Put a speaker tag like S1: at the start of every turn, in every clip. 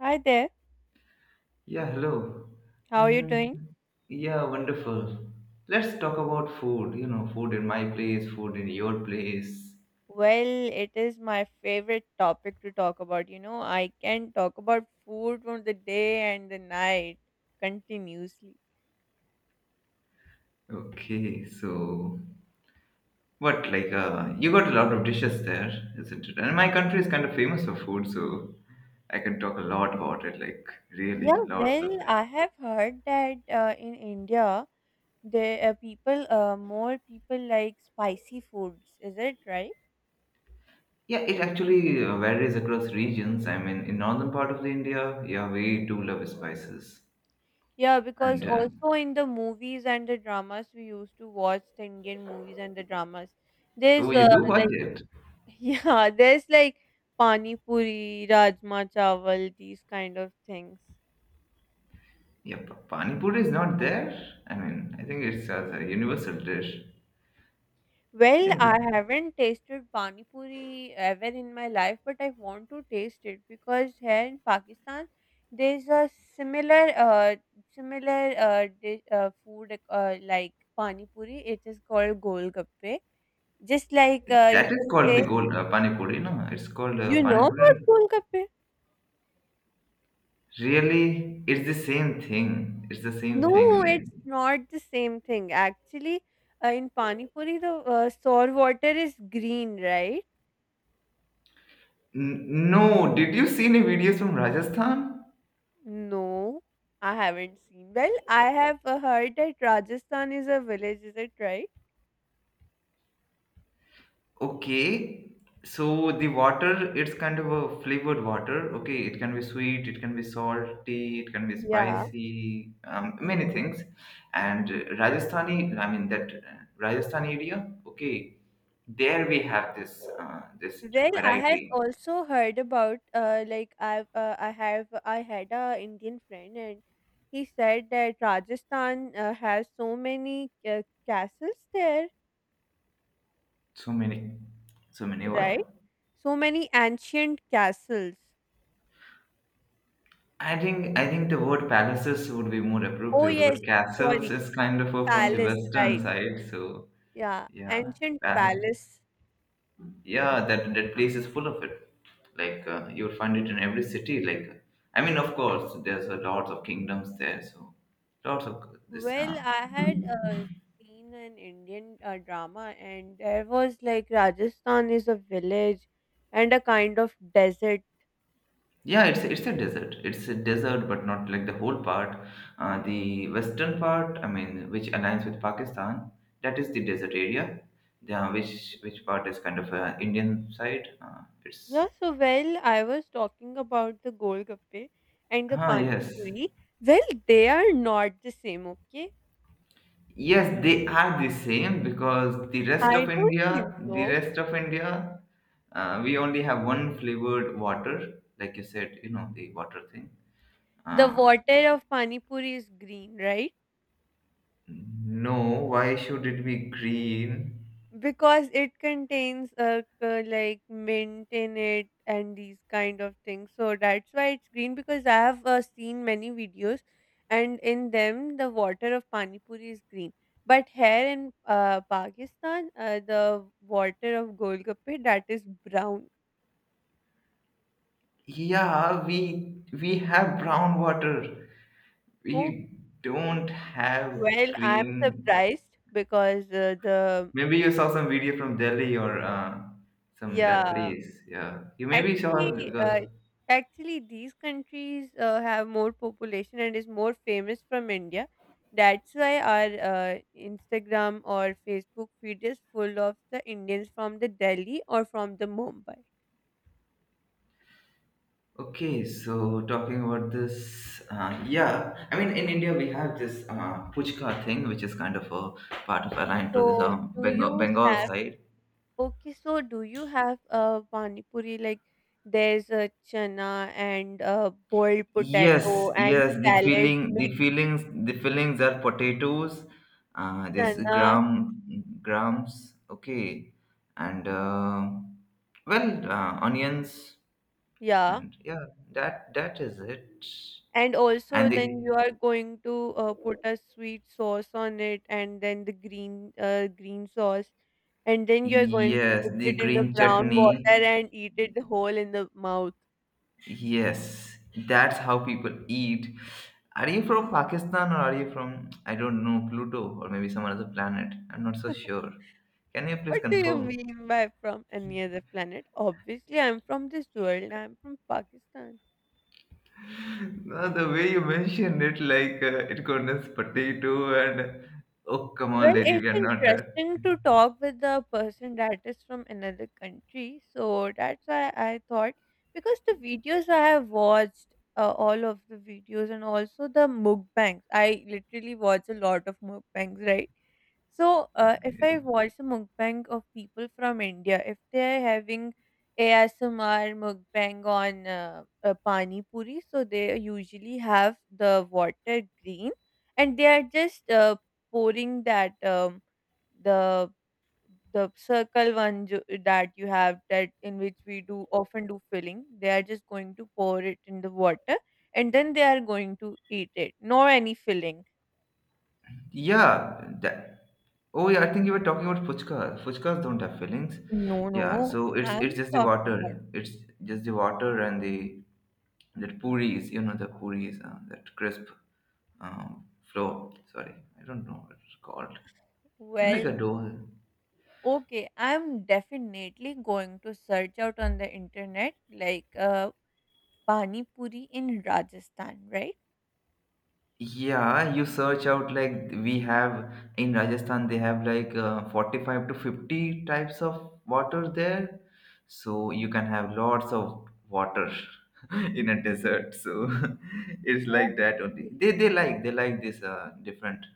S1: Hi there.
S2: Yeah, hello.
S1: How are you
S2: Mm,
S1: doing?
S2: yeah, wonderful. Let's talk about food, food in my place, food in your place.
S1: Well, it is my favorite topic to talk about. You know, I can talk about food from the day and the night continuously.
S2: Okay, so what, like, you got a lot of dishes there, isn't it? And my country is kind of famous for food, so I can talk a lot about it, like, really,
S1: Yeah,
S2: lots
S1: well,
S2: of it.
S1: I have heard that in India, the people, more people like spicy foods. Is it right?
S2: Yeah, it actually varies across regions. I mean, in northern part of the India, yeah, we do love spices.
S1: Yeah, because
S2: And,
S1: also in the movies and the dramas we used to watch, the Indian movies and the dramas,
S2: oh,
S1: there's
S2: you do watch it?
S1: Yeah, there's like pani puri, rajma chawal, these kind of things.
S2: Yeah, pani puri is not there. I mean, I think it's a universal dish.
S1: Well,
S2: Yeah,
S1: I haven't tasted pani puri ever in my life, but I want to taste it because here in Pakistan there's a similar uh similar dish, food like pani puri. It is called golgappe. Just like you
S2: that is
S1: can
S2: called
S1: say,
S2: the gold pani puri. No, it's called
S1: you know
S2: pani puri. And.
S1: about golgappe?
S2: Really, it's the same thing. It's the same thing.
S1: No, it's
S2: Like,
S1: not the same thing. Actually, in pani puri, the sour water is green, right?
S2: No, did you see any videos from Rajasthan?
S1: No, I haven't seen. Well, I have heard that Rajasthan is a village. Is it right?
S2: Okay, so the water, it's kind of a flavored water. Okay, it can be sweet, it can be salty, it can be
S1: Yeah.
S2: spicy, many things. And Rajasthani, I mean that Rajasthan area. Okay, there we have this
S1: Well, I have
S2: variety.
S1: also heard about like I've I have I had a Indian friend and he said that Rajasthan has so many castles there,
S2: So many, so many
S1: right?
S2: what?
S1: So many ancient castles.
S2: I think the word palaces would be more
S1: Oh,
S2: appropriate because
S1: yes,
S2: castles
S1: sorry,
S2: is kind of from the
S1: palace,
S2: western
S1: right.
S2: side. So
S1: Yeah,
S2: yeah,
S1: ancient
S2: palace.
S1: palace.
S2: Yeah, that place is full of it, like you'll find it in every city, like I mean, of course there's a lots of kingdoms there, so lots of this
S1: Well, I had seen an Indian drama, and there was like Rajasthan is a village and a kind of desert
S2: yeah, it's a desert, it's a desert, but not like the whole part. The western part, I mean, which aligns with Pakistan. That is the desert area. Yeah, which
S1: thing.
S2: part is kind of Indian side, it's.
S1: Yeah, so well, I was talking about the golgappe and the
S2: Ah,
S1: pani
S2: yes.
S1: puri. Well, they are not the same, okay?
S2: Yes, they are the same because the rest
S1: I
S2: of
S1: don't
S2: India,
S1: think
S2: the
S1: so.
S2: rest of India, we only have one flavored water, like you said, the water thing.
S1: The
S2: Uh,
S1: water of pani puri is green, right?
S2: no, why should it be green?
S1: Because it contains like mint in it and these kind of things, so that's why it's green, because I have seen many videos, and in them the water of pani puri is green. But here in Pakistan, the water of golgappe, that is brown.
S2: Yeah, we have brown water.
S1: Oh,
S2: We don't have
S1: well, I'm
S2: green.
S1: surprised because the
S2: Maybe you saw some video from Delhi or some that
S1: yeah
S2: place. Yeah, you maybe saw
S1: Actually,
S2: it because.
S1: uh, actually, these countries have more population and is more famous from India. That's why our Instagram or Facebook feed is full of the Indians from the Delhi or from the Mumbai.
S2: Okay, so talking about this, yeah, I mean, in India we have this puchka thing, which is kind of a part of aligned to this
S1: So, do
S2: Bengal,
S1: you
S2: Bengal
S1: have
S2: side.
S1: okay? So, do you have pani puri like there's a chana and boiled
S2: Yes,
S1: potato and
S2: yes, the
S1: salad
S2: feeling, the
S1: mixed
S2: feelings, the feelings are potatoes, this
S1: chana?
S2: grams, okay, and well, onions,
S1: Yeah.
S2: and yeah, that is it.
S1: And also
S2: And the
S1: then you are going to put a sweet sauce on it and then the green sauce, and then you're going to
S2: yes,
S1: dip
S2: the
S1: it in the
S2: green
S1: brown
S2: chutney.
S1: water and eat it whole in the mouth.
S2: Yes, that's how people eat. Are you from Pakistan, or are you from, I don't know, Pluto, or maybe some other planet? I'm not so sure. Can you please
S1: What do you
S2: confirm?
S1: mean by from any other planet? Obviously, I'm from this world. I'm from Pakistan.
S2: No, the way you mentioned it, like it contains potato and oh, come on,
S1: Well,
S2: lady,
S1: it's
S2: we are not at.
S1: interesting to talk with the person that is from another country. So that's why I thought, because the videos I have watched, all of the videos and also the mukbangs. I literally watch a lot of mukbangs, right? So, if
S2: Okay.
S1: I watch a mukbang of people from India, if they are having ASMR mukbang on pani puri, so they usually have the water green, and they are just pouring that the the circle one that you have, that in which we do often do filling. They are just going to pour it in the water, and then they are going to eat it. No any filling.
S2: Yeah, that. Oh yeah, I think you were talking about fuchkas. Fuchkas don't have fillings.
S1: No,
S2: Yeah,
S1: no,
S2: so it's
S1: I'm
S2: just the
S1: talking about.
S2: water. It's just the water and the that puris. You know the puris, that crisp um, flow. Sorry, I don't know what it's called. It's like a
S1: Well,
S2: dough.
S1: okay, I'm definitely going to search out on the internet like pani puri in Rajasthan, right?
S2: Yeah, you search out like we have in Rajasthan, they have like 45 to 50 types of water there. So you can have lots of water in a desert. So it's like that only.
S1: Okay.
S2: They like this different.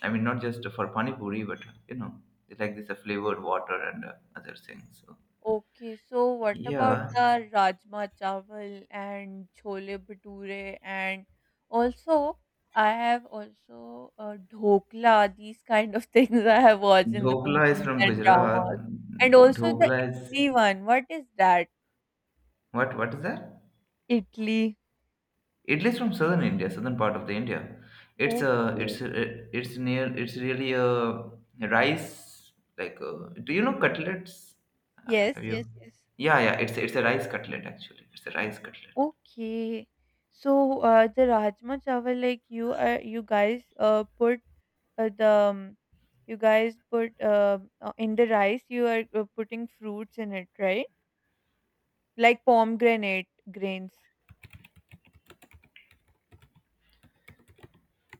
S2: I mean, not just for pani puri, but you know, they like this flavored water and other things. So
S1: Okay, so what about
S2: yeah,
S1: the rajma chawal and chole bhature, and also I have also dhokla, these kind of things I have watched in the
S2: dhokla is
S1: movies
S2: from
S1: and
S2: Gujarat.
S1: dramas. And also the
S2: Dhokla is
S1: Italy one. What is that?
S2: what? What is that?
S1: Italy.
S2: Italy's from southern India, southern part of the India. It's a, it's
S1: Okay.
S2: a, it's really a rice like. A, do you know cutlets?
S1: Yes,
S2: Have you?
S1: yes, yes.
S2: Yeah, yeah. It's a rice cutlet actually. It's a rice cutlet.
S1: Okay. So, the rajma chawal, like you guys, put uh, the, um, you guys put in the rice. You are putting fruits in it, right? Like pomegranate grains.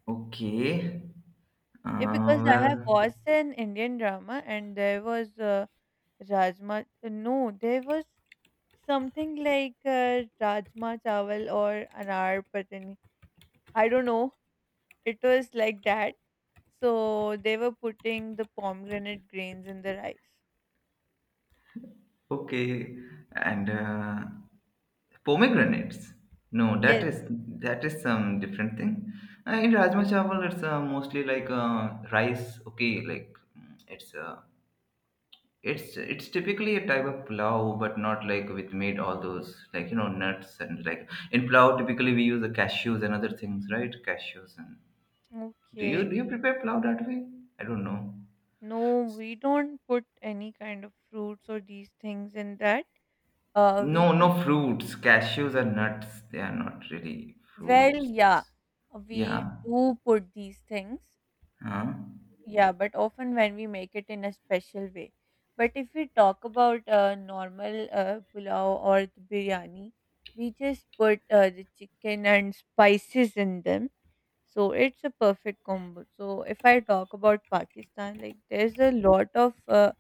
S2: Okay.
S1: Yeah, because I
S2: Well,
S1: have watched an Indian drama, and there was rajma. No, there was something like rajma chawal or anar patani. I don't know. It was like that. So they were putting the pomegranate grains in the rice.
S2: okay. And pomegranates. No, that
S1: Yes.
S2: is that is some different thing. In Rajma Chawal, it's mostly like rice. Okay, like it's it's typically a type of plow, but not like with made all those like nuts and like in plow. Typically, we use the cashews and other things, right? Cashews and do you
S1: Okay.
S2: do you prepare plow that way? I don't know.
S1: No, we don't put any kind of fruits or these things in that. Uh, we
S2: No,
S1: just,
S2: no fruits. Cashews are nuts. They are not really
S1: well,
S2: fruits.
S1: yeah, we
S2: Yeah.
S1: do put these things.
S2: Huh?
S1: Yeah, but often when we make it in a special way. But if we talk about normal pulao or the biryani, we just put the chicken and spices in them. So it's a perfect combo. So if I talk about Pakistan, like there's a lot of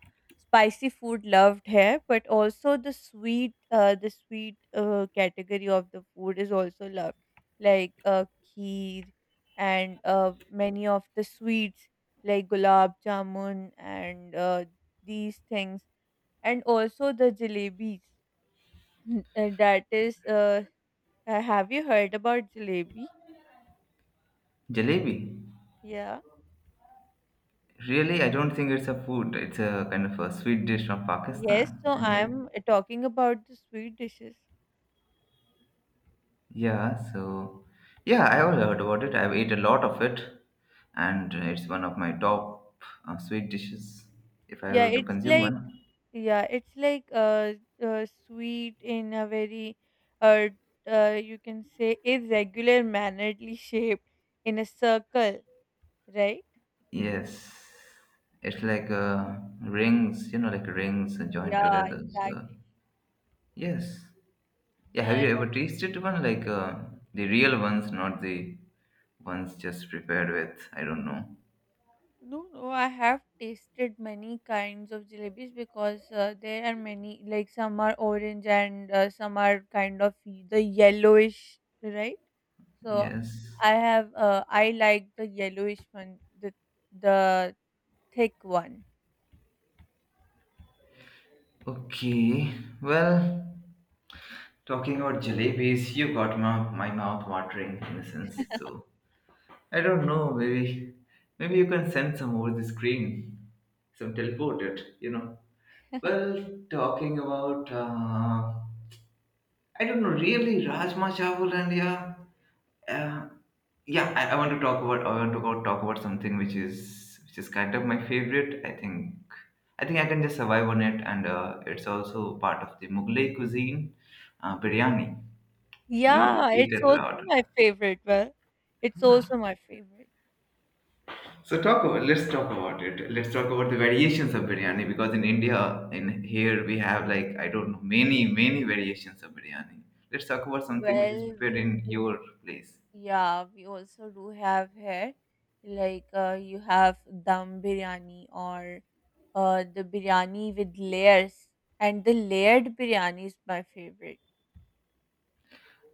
S1: spicy food loved here, but also the sweet category of the food is also loved, like kheer and many of the sweets, like gulab jamun and these things, and also the jalebis. Uh, that is, uh, have you heard about jalebi?
S2: Jalebi.
S1: Yeah.
S2: Really, I don't think it's a food. It's a kind of a sweet dish from
S1: Yes,
S2: Pakistan.
S1: so
S2: Thing is-.
S1: I'm talking about the sweet dishes.
S2: Yeah, so yeah, I have heard about it. I've ate a lot of it, and it's one of my top sweet dishes if I
S1: Yeah,
S2: were to
S1: it's
S2: consume
S1: like
S2: one.
S1: yeah, it's like sweet in a very uh, you can say irregular mannerly shape, in a circle, right?
S2: Yes, it's like rings, like rings joined
S1: Yeah,
S2: together. So
S1: exactly.
S2: yes, yeah. Have
S1: Yeah,
S2: you
S1: and
S2: ever
S1: al-
S2: tasted one like the real ones, not the ones just prepared with? I don't know.
S1: no, no, I have tasted many kinds of jalebis, because there are many, like some are orange and some are kind of the yellowish, right? So
S2: Yes.
S1: I have I like the yellowish one, the thick one.
S2: Okay. Well. Talking about jalebis, you got my mouth watering in a sense. So I don't know, maybe you can send some over the screen, some teleport it. Well, talking about I don't know really Rajma Chawal and yeah, uh, yeah. I want to talk about I want to go talk about something which is kind of my favorite. I think I can just survive on it, and it's also part of the Mughlai cuisine, biryani. You
S1: Yeah,
S2: eat
S1: it's
S2: it a
S1: also my favorite. Well, it's
S2: lot.
S1: also my favorite.
S2: So talk
S1: As
S2: about let's talk about it. Let's talk about the variations of biryani because in India, in here we have like I don't know many variations of biryani. Let's talk about something which
S1: well,
S2: is prepared
S1: we
S2: in
S1: do,
S2: your place.
S1: yeah, we also do have here, like you have dum biryani or the biryani with layers, and the layered biryani is my favorite.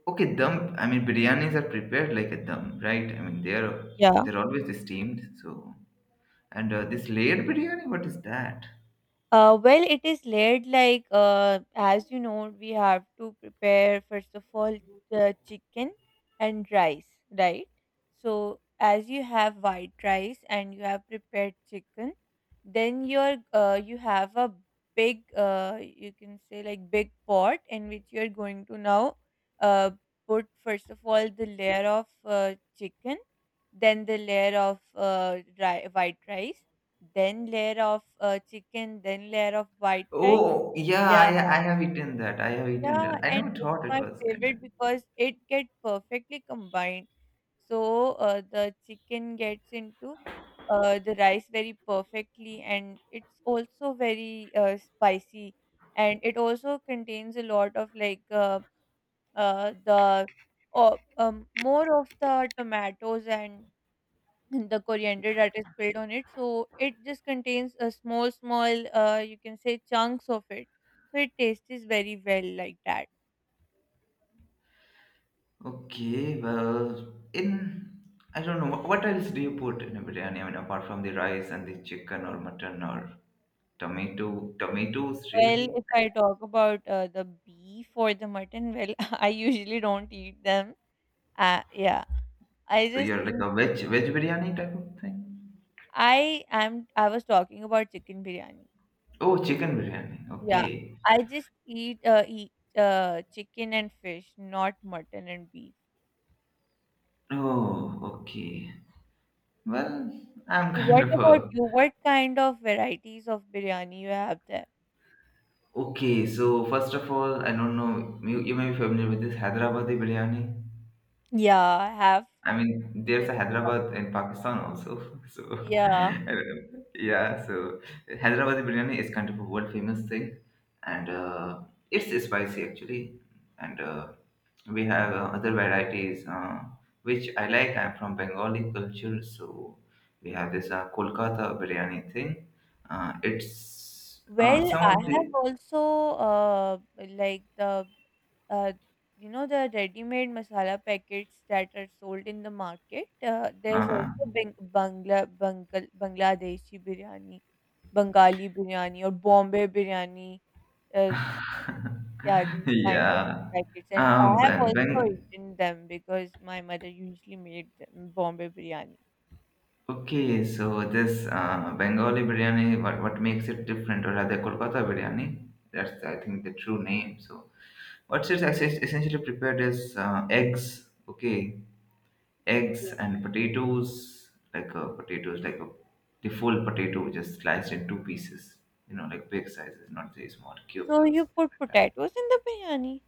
S2: Okay, dum. I mean biryanis are prepared like a dum, right? I mean they're
S1: Yeah.
S2: they're always steamed. So and this layered biryani, what is that?
S1: Well, it is laid like as you know, we have to prepare first of all the chicken and rice, right? So as you have white rice and you have prepared chicken, then you have a big you can say like big pot in which you are going to now uh, put first of all the layer of chicken, then the layer of white rice, then layer of chicken, then layer of white rice.
S2: Oh yeah,
S1: Yeah.
S2: I have eaten that. I have eaten
S1: Yeah,
S2: that. I
S1: and
S2: never
S1: it's
S2: thought it
S1: my
S2: was kind of.
S1: favorite because it get perfectly combined. So, the chicken gets into the rice very perfectly, and it's also very spicy, and it also contains a lot of like, uh, the, more of the tomatoes and the coriander that is spilled on it, so it just contains a small small you can say chunks of it, so it tastes very well like that.
S2: Okay, well, in I don't know what else do you put in a biryani? I mean, apart from the rice and the chicken or mutton or tomatoes
S1: Well,
S2: really.
S1: if I talk about the beef or the mutton, well, I usually don't eat them. Yeah I
S2: So
S1: just
S2: you're like
S1: eat.
S2: a veg biryani type of thing.
S1: I am. I was talking about chicken biryani.
S2: Oh,
S1: Okay.
S2: chicken biryani.
S1: Yeah.
S2: Okay.
S1: I just eat chicken and fish, not mutton and beef.
S2: Oh, okay. Well, I'm
S1: So
S2: kind
S1: what
S2: of
S1: about
S2: a
S1: you? What kind of varieties of biryani you have there?
S2: okay. So first of all, I don't know. You may be familiar with this Hyderabadi biryani.
S1: Yeah, I have
S2: I mean, there's a
S1: listened about.
S2: Hyderabad in Pakistan also. So,
S1: Yeah.
S2: I don't know. Yeah, so Hyderabad biryani is kind of a world famous thing, and it's spicy actually. And we have other varieties which I like. I'm from Bengali culture, so we have this
S1: Okay.
S2: Kolkata biryani thing. It's
S1: Well,
S2: some
S1: I
S2: of the
S1: have also like the uh you know the ready-made masala packets that are sold in the market. There's
S2: uh,
S1: also Bangladeshi biryani, Bengali biryani or Bombay biryani. Uh, yeah, these kind of
S2: yeah.
S1: packets, and
S2: Um,
S1: I have
S2: Ben,
S1: also
S2: Ben,
S1: eaten them because my mother usually made them, Bombay biryani.
S2: okay, so this Bengali biryani, what makes it different, or rather Kolkata biryani? That's I think the true name. So what's it essentially prepared is eggs, okay, eggs
S1: Okay.
S2: and potatoes, like a, the full potato just sliced in two pieces, you know, like big sizes, not the small cubes
S1: So
S2: or
S1: you
S2: something
S1: put
S2: like that.
S1: potatoes in the biryani?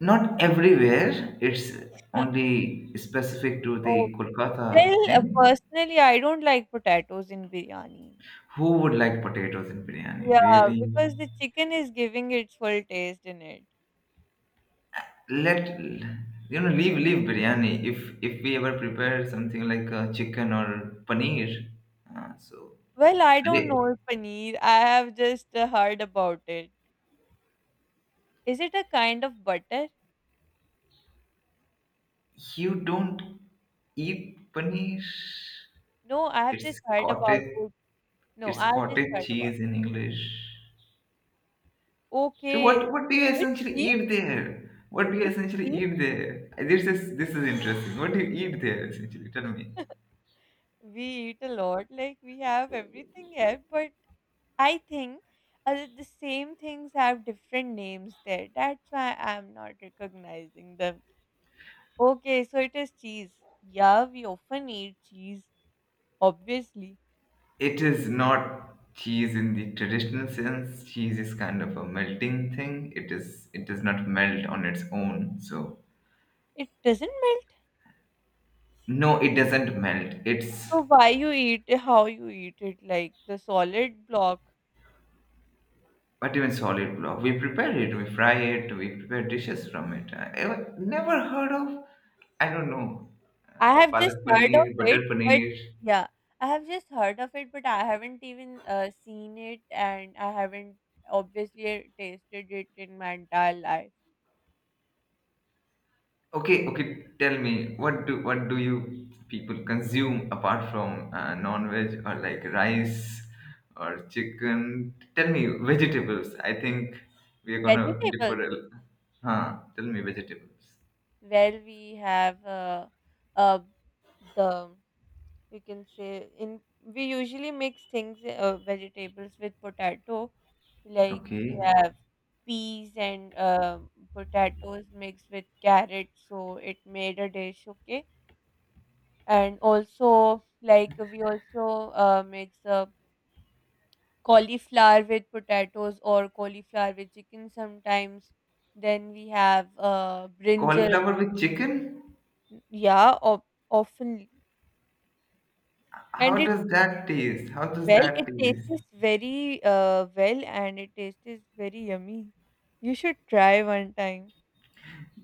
S2: Not everywhere. It's only specific to the
S1: Okay.
S2: Kolkata
S1: Well,
S2: thing.
S1: personally, I don't like potatoes in biryani.
S2: Who would like potatoes in biryani?
S1: Yeah,
S2: Really?
S1: because the chicken is giving its full taste in it.
S2: Let you know leave biryani, if we ever prepare something like chicken or paneer, so
S1: Well, I don't
S2: Re-
S1: know paneer. I have just heard about it. Is it a kind of butter?
S2: you don't eat paneer?
S1: No, I have just
S2: It's
S1: heard about
S2: cottage,
S1: it. No,
S2: it's
S1: I have just
S2: cottage
S1: heard about
S2: cheese
S1: it.
S2: in English. So what
S1: Okay.
S2: do you
S1: It's
S2: essentially
S1: cheese?
S2: eat there? What do you
S1: It's
S2: essentially
S1: cheese?
S2: eat there? This is interesting. What do you eat there essentially? Tell me.
S1: We eat a lot, like we have everything here, but I think the same things have different names there. That's why I'm not recognizing them. Okay, so it is cheese. Yeah, we often eat cheese, obviously.
S2: It is not cheese in the traditional sense. Cheese is kind of a melting thing. It does not melt on its own. So
S1: It doesn't melt.
S2: no, it doesn't melt. It's
S1: So why you eat, how you eat it, like the solid block?
S2: what even solid block. We prepare it, we fry it, we prepare dishes from it. I never heard of I don't know.
S1: I have just
S2: Palak
S1: heard of
S2: paneer, butter
S1: it, but
S2: paneer.
S1: yeah, I have just heard of it, but I haven't even seen it, and I haven't obviously tasted it in my entire life.
S2: Okay, okay. Tell me, what do you people consume apart from non-veg or like rice or chicken? Tell me vegetables. I think we are gonna
S1: Vegetables.
S2: differ. Huh? Tell me vegetables.
S1: Well, we have uh, the you can say in we usually mix things vegetables with potato, like we
S2: Okay.
S1: have peas and potatoes mixed with carrots, so it made a dish. Okay, and also like we also mix cauliflower with potatoes or cauliflower with chicken sometimes. Then we have brinjal,
S2: Cauliflower with chicken?
S1: yeah, of often.
S2: How
S1: And it
S2: does that taste? How does
S1: well,
S2: that
S1: it
S2: taste?
S1: tastes very well, and it tastes very yummy. You should try one time.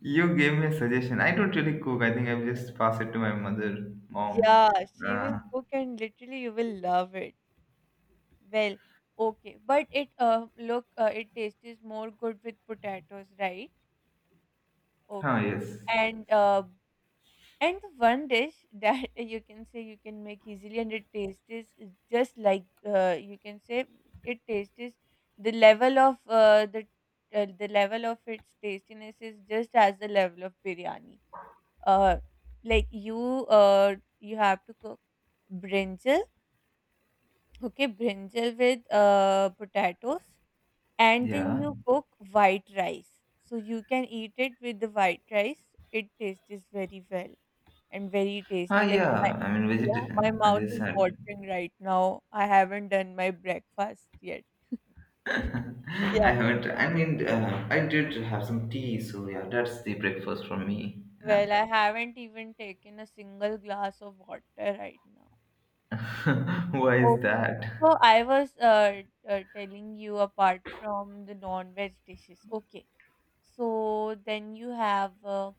S2: You gave me a suggestion. I don't really cook. I think I will just pass it to my mom.
S1: Yeah, she
S2: Uh,
S1: will cook, and literally, you will love it. Well, okay, but it tastes more good with potatoes, right?
S2: huh?
S1: Okay,
S2: Yes.
S1: and uh, And the one dish that you can say you can make easily and it tastes is just like you can say it tastes is the level of the level of its tastiness is just as the level of biryani. Uh, like you have to cook brinjal, okay, brinjal with potatoes, and then
S2: Yeah.
S1: you cook white rice. So you can eat it with the white rice. It tastes very well and very
S2: Ah,
S1: tasty. Like my
S2: yeah. I mean,
S1: Yeah,
S2: veget.
S1: my
S2: As
S1: mouth
S2: I
S1: is
S2: said,
S1: watering right now. I haven't done my breakfast yet.
S2: I
S1: Yeah.
S2: haven't. I mean, I did have some tea, so yeah, that's the breakfast for me. Yeah.
S1: Well, I haven't even taken a single glass of water right now.
S2: Why is
S1: Okay.
S2: that?
S1: So I was telling you apart from the non-veg dishes. Okay. So then you have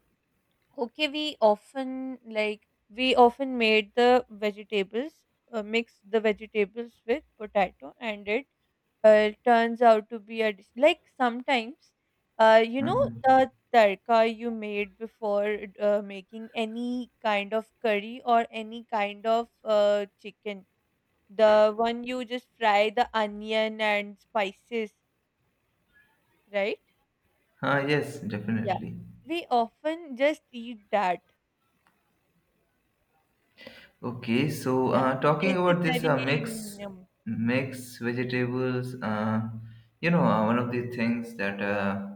S1: Okay, we often we often made the vegetables, mix the vegetables with potato, and it turns out to be a dish. Like sometimes, you know
S2: Hmm.
S1: the tarka you made before making any kind of curry or any kind of chicken. The one you just fry the onion and spices, right?
S2: Ah, yes,
S1: Yeah.
S2: definitely.
S1: We often just eat that.
S2: Okay, so
S1: Yeah.
S2: talking
S1: It
S2: about
S1: tastes
S2: this
S1: very
S2: mix, mix vegetables. One of the things that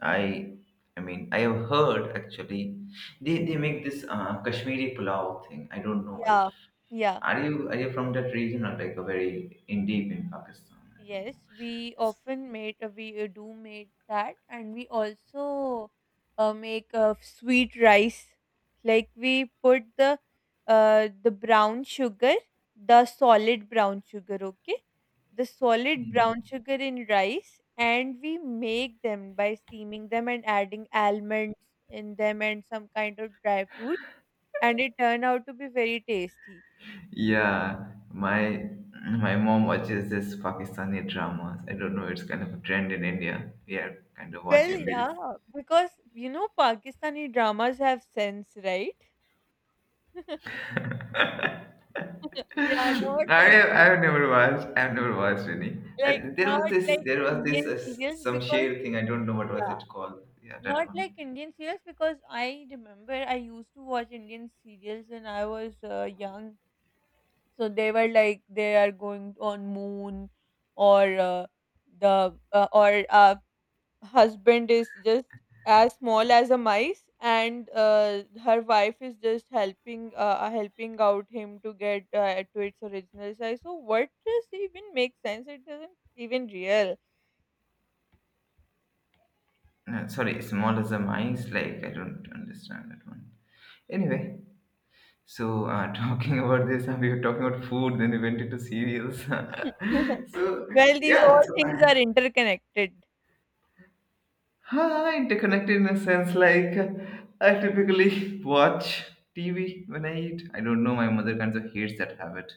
S2: I, I mean, I have heard actually, they make this Kashmiri pulao thing. I don't know if
S1: Yeah, yeah,
S2: are you from that region or like a very in deep in Pakistan? I don't
S1: yes. We
S2: know.
S1: often made we do made that, and we also make sweet rice. Like we put the brown sugar, the solid brown sugar, okay, the solid brown sugar in rice, and we make them by steaming them and adding almonds in them and some kind of dry fruit, and it turned out to be very tasty.
S2: Yeah, my my mom watches this Pakistani dramas. I don't know, it's kind of a trend in India. We are kind of
S1: Well,
S2: watching these.
S1: yeah, because you know Pakistani dramas have sense, right? Yeah, not like
S2: I've never watched. I've never watched any.
S1: like
S2: There
S1: not
S2: was this.
S1: like
S2: There was this
S1: Indian serials
S2: some
S1: because
S2: share thing. I don't know what was
S1: yeah,
S2: it called. Yeah, that
S1: not
S2: one.
S1: like Indian serials because I remember I used to watch Indian serials when I was young. So they were like they are going on moon or the or husband is just as small as a mice and her wife is just helping helping out him to get to its original size so what does even make sense it doesn't even real.
S2: No, sorry, small as a mice. Like, I don't understand that one. Anyway, talking about this, and we were talking about food, then we went into cereals. so,
S1: Well, these
S2: yeah,
S1: all things are interconnected.
S2: I interconnected in a sense I typically watch TV when I eat. I don't know, my mother kind of hates that habit.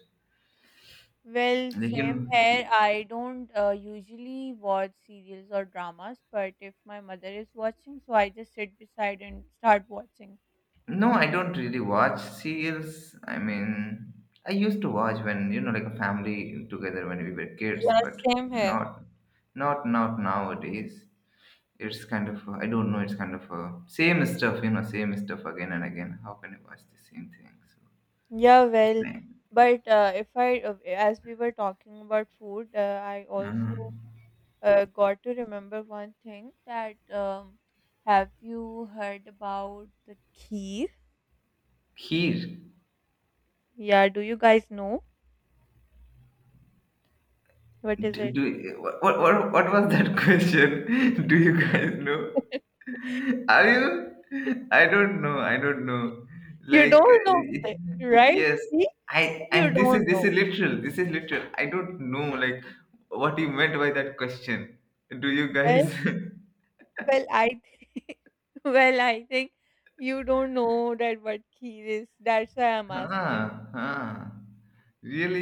S1: Well,
S2: Like, you know,
S1: same
S2: y-
S1: here. I don't usually watch serials or dramas, but if my mother is watching, so I just sit beside and start watching.
S2: no, I don't really watch serials. I mean, I used to watch when, you know, like a family together when we were kids,
S1: Yeah,
S2: but
S1: same here.
S2: not, not, not nowadays. It's I don't know, it's kind of same stuff, you know, same stuff again and again. How can you watch the same thing? So
S1: Yeah,
S2: it's
S1: well,
S2: like,
S1: but if I, as we were talking about food, I also
S2: uh,
S1: got to remember one thing that have you heard about the kheer?
S2: here,
S1: Yeah, do you guys know what is it?
S2: what was that question? Do you guys know? Are you? I don't know.
S1: You don't know, right?
S2: Yes,
S1: See, you
S2: and
S1: don't
S2: this is
S1: know.
S2: literal, this is literal. I don't know, like, what you meant by that question. Do you
S1: Well,
S2: guys?
S1: well, well, I think you don't know that what kheer is. That's why I'm asking.
S2: Huh, huh.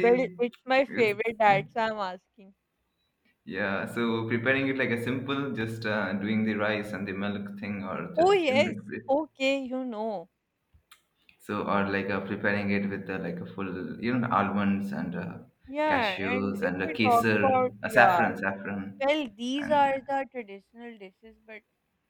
S1: Well, it's my
S2: It's,
S1: favorite. That's why I'm asking.
S2: yeah, so preparing it like a simple, just doing the rice and the milk thing, or
S1: Oh,
S2: just, you know,
S1: yes. Okay, you know.
S2: so, or preparing it with like a full, you know, almonds and
S1: Yeah, and
S2: cashews
S1: if
S2: and uh,
S1: we talk
S2: kesar,
S1: about, yeah,
S2: saffron, saffron,
S1: well, these
S2: and
S1: are
S2: uh,
S1: the traditional dishes, but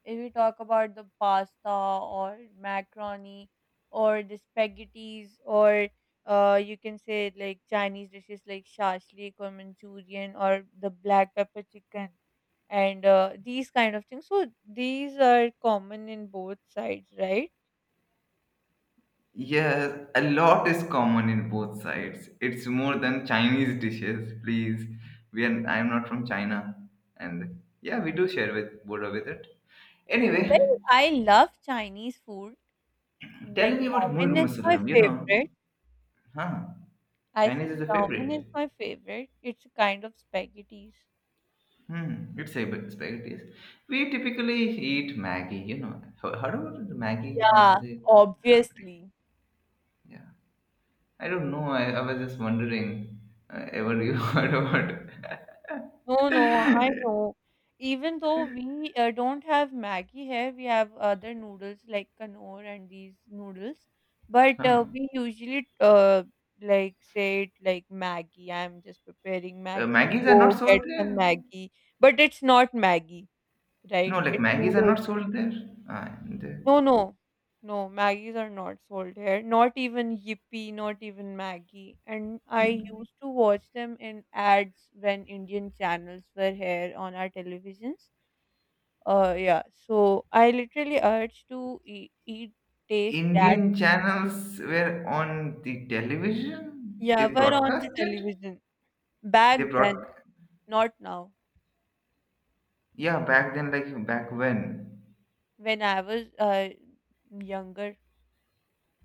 S1: if we talk about the pasta or macaroni or the spaghettis or you can say like Chinese dishes like shashlik or Manchurian or the black pepper chicken and these kind of things. So these are common in both sides, right?
S2: yes, a lot is common in both sides. It's more than Chinese dishes, please. I'm not from China, and yeah, we do share with border with it. Anyway,
S1: Well, I love Chinese food.
S2: tell
S1: Like
S2: me about Mulg
S1: Chowmein is my
S2: Masallam. You know,
S1: favorite.
S2: huh?
S1: I
S2: Chinese
S1: said
S2: is a
S1: Chowmein is
S2: favorite.
S1: my favorite. It's a kind of spaghettis.
S2: Hmm, it's favorite spaghetti. We typically eat Maggie. You know, heard about Maggie?
S1: Yeah,
S2: Nestle, Maggi.
S1: obviously.
S2: Yeah. I don't know. I was just wondering, ever you heard about?
S1: No, no, I know. Even though we don't have Maggie here, we have other noodles like Knorr and these noodles. But
S2: Huh.
S1: we usually like say it like Maggie. I'm just preparing Maggie.
S2: Maggies are not
S1: Go
S2: sold
S1: get some
S2: there.
S1: Maggie. But it's not Maggie, right?
S2: No, like
S1: It's
S2: Maggies are
S1: noodles.
S2: not sold there. Ah, and
S1: No, no, no. Maggies are not sold here. Not even Yippee, not even Maggie. And I used to watch them in ads when Indian channels were here on our televisions. Yeah. So I literally urge to taste that.
S2: Indian channels were on the television. They
S1: Yeah, were on the
S2: broadcast it.
S1: television
S2: They
S1: back then,
S2: brought,
S1: not now.
S2: yeah, back then, like back when.
S1: When I was younger,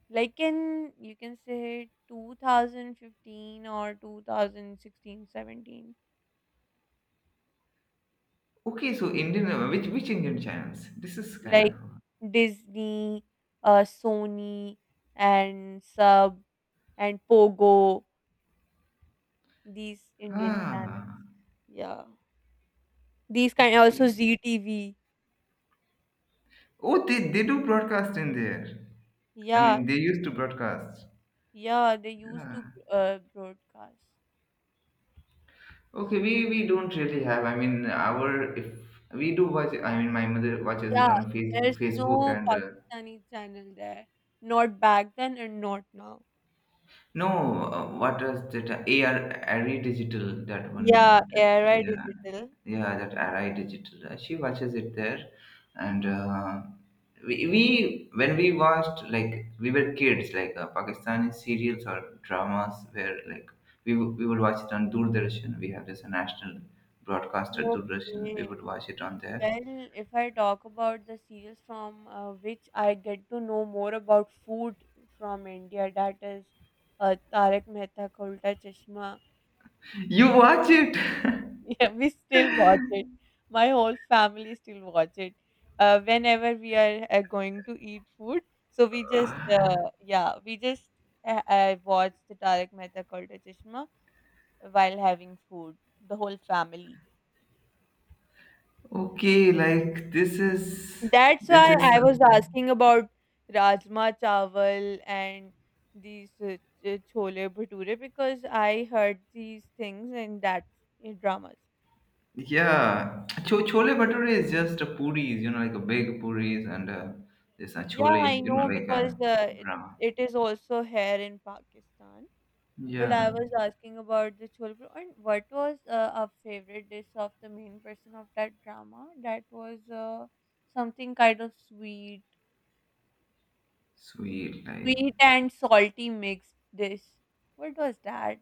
S1: like in you can say 2015 or 2016, 17.
S2: Okay, so Indian which Indian channels? This is kind of
S1: Like Disney, Sony, and Sub and Pogo, these Indian channels.
S2: ah.
S1: Yeah, these kind also
S2: Okay.
S1: ZTV.
S2: Oh, they do broadcast in there. I
S1: Yeah,
S2: mean, they used to broadcast.
S1: yeah, they used
S2: Yeah.
S1: to broadcast.
S2: Okay, we don't really have. I mean, our if we do watch. I mean, my mother watches it
S1: Yeah,
S2: on Facebook,
S1: there's
S2: Facebook
S1: no
S2: and
S1: Pakistani channel there, not back then and not now.
S2: no, what was that? AR, Arri Digital, that one.
S1: Yeah, Era
S2: Yeah,
S1: Digital.
S2: yeah, that Arai Digital. She watches it there, and we when we watched like we were kids, Pakistani serials or dramas, where like we would watch it on Doordarshan. We have this national broadcaster Doordarshan. We
S1: Okay.
S2: would watch it on there.
S1: Well, if I talk about the serials from which I get to know more about food from India, that is Tarak Mehta Ka Ulta Chashma.
S2: You watch it,
S1: Yeah, we still watch it. My whole family still watch it. Whenever we are going to eat food, so we just watch the Tarak Mehta Ka Ulta Chashma while having food. The whole family.
S2: okay? Like
S1: That's
S2: this
S1: why
S2: is
S1: I was
S2: something.
S1: asking about Rajma Chawal and these Chole Bhature because I heard these things in that in dramas.
S2: Yeah, chole bhature is just a puris, you know, like a big puris and this
S1: Yeah,
S2: chole,
S1: I
S2: you know,
S1: know
S2: like
S1: because
S2: a brahma.
S1: it is also here in Pakistan. Well,
S2: Yeah,
S1: I was asking about the Chole Bhature and what was our favorite dish of the main person of that drama? That was something kind of sweet,
S2: sweet. Like,
S1: sweet and salty mixed dish. What was that?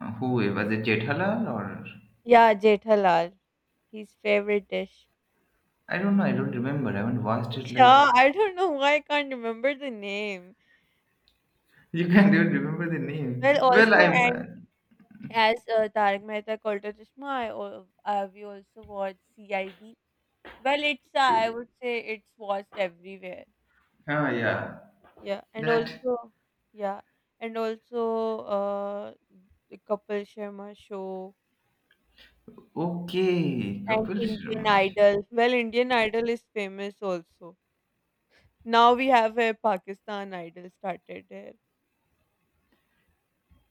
S2: who was it? Jethalal or
S1: Yeah, Jethalal. His favorite dish.
S2: I don't know. I don't remember. I haven't watched it. Like
S1: Yeah, I don't know why I can't remember the name.
S2: you can't even remember the
S1: Well,
S2: name. Well, I
S1: also, and as Tarak Mehta ka Ulta Chashma, we also watched CID. Well, it's I
S2: see.
S1: would say it's watched everywhere.
S2: Oh yeah,
S1: Yeah, and
S2: that
S1: also, yeah, and also the Kapil Sharma show
S2: okay.
S1: and
S2: Kapil
S1: Indian
S2: Sharma.
S1: Idol. Well, Indian Idol is famous also. Now we have a Pakistan Idol started.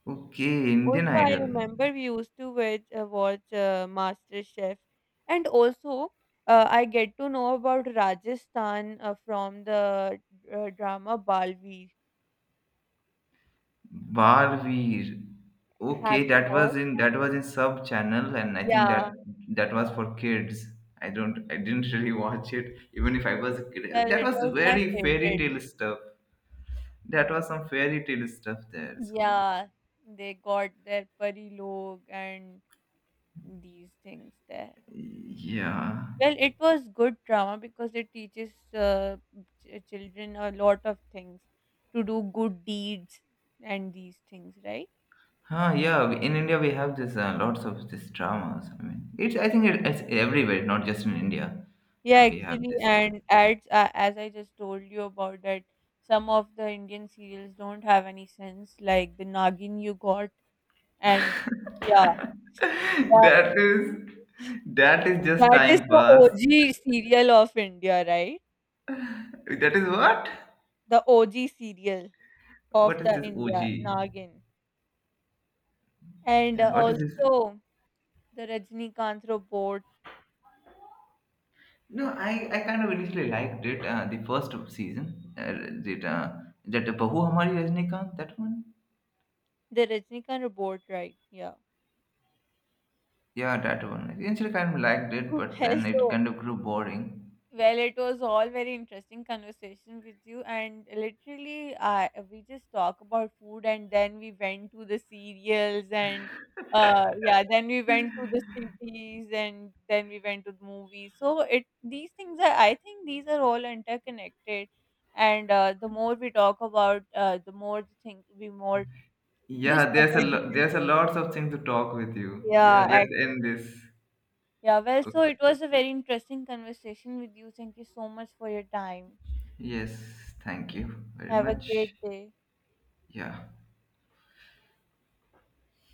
S2: Okay,
S1: Also,
S2: Indian
S1: I
S2: Idol.
S1: remember we used to watch MasterChef. And also, I get to know about Rajasthan from the drama Balveer.
S2: Barveer. Okay,
S1: Have you watched?
S2: that was in sub channel, and I think that
S1: Yeah,
S2: that was
S1: yeah.
S2: for kids. I didn't really watch it, even if I was a kid.
S1: Well,
S2: That
S1: it
S2: was
S1: was my
S2: very fairy
S1: favorite.
S2: tale stuff. That was some fairy tale stuff there. So
S1: Yeah, they got their pari log and these things there.
S2: yeah,
S1: Well, it was good drama because it teaches children a lot of things to do good deeds and these things, right?
S2: huh? Yeah, in India we have this lots of this dramas. I mean, it's I think it, it's everywhere, not just in India.
S1: Yeah,
S2: We have
S1: actually,
S2: this.
S1: and ads, as I just told you about that, some of the Indian serials don't have any sense, like the Nagin you got, and yeah, that,
S2: That is that is just
S1: that is
S2: time
S1: the
S2: pass.
S1: OG serial of India, right?
S2: That is what.
S1: The OG serial
S2: What
S1: of
S2: is
S1: the
S2: this
S1: India,
S2: OG?
S1: Nagin. And
S2: Yeah, what is this?
S1: also the Rajinikanth robot.
S2: No, I kind of initially liked it. The first season, that uh, that Bahu Hamari Rajnikant, that one.
S1: The Rajnikant report, right? Yeah.
S2: Yeah, that one. I initially kind of liked it,
S1: Oh,
S2: but
S1: hell,
S2: then it
S1: so
S2: kind of grew boring.
S1: well, it was all very interesting conversation with you, and literally, we just talk about food, and then we went to the cereals, and yeah, then we went to the cities, and then we went to the movies. So it these things are, I think, these are all interconnected, and the more we talk about, the more the thing we more
S2: Yeah,
S1: discover different.
S2: there's a lots of things to talk with you. Yeah,
S1: Yeah,
S2: let's end this.
S1: yeah, well, so it
S2: Okay.
S1: was a very interesting conversation with you. Thank you so much for your time.
S2: Yes, thank you very
S1: Have a great
S2: much.
S1: day.
S2: Yeah.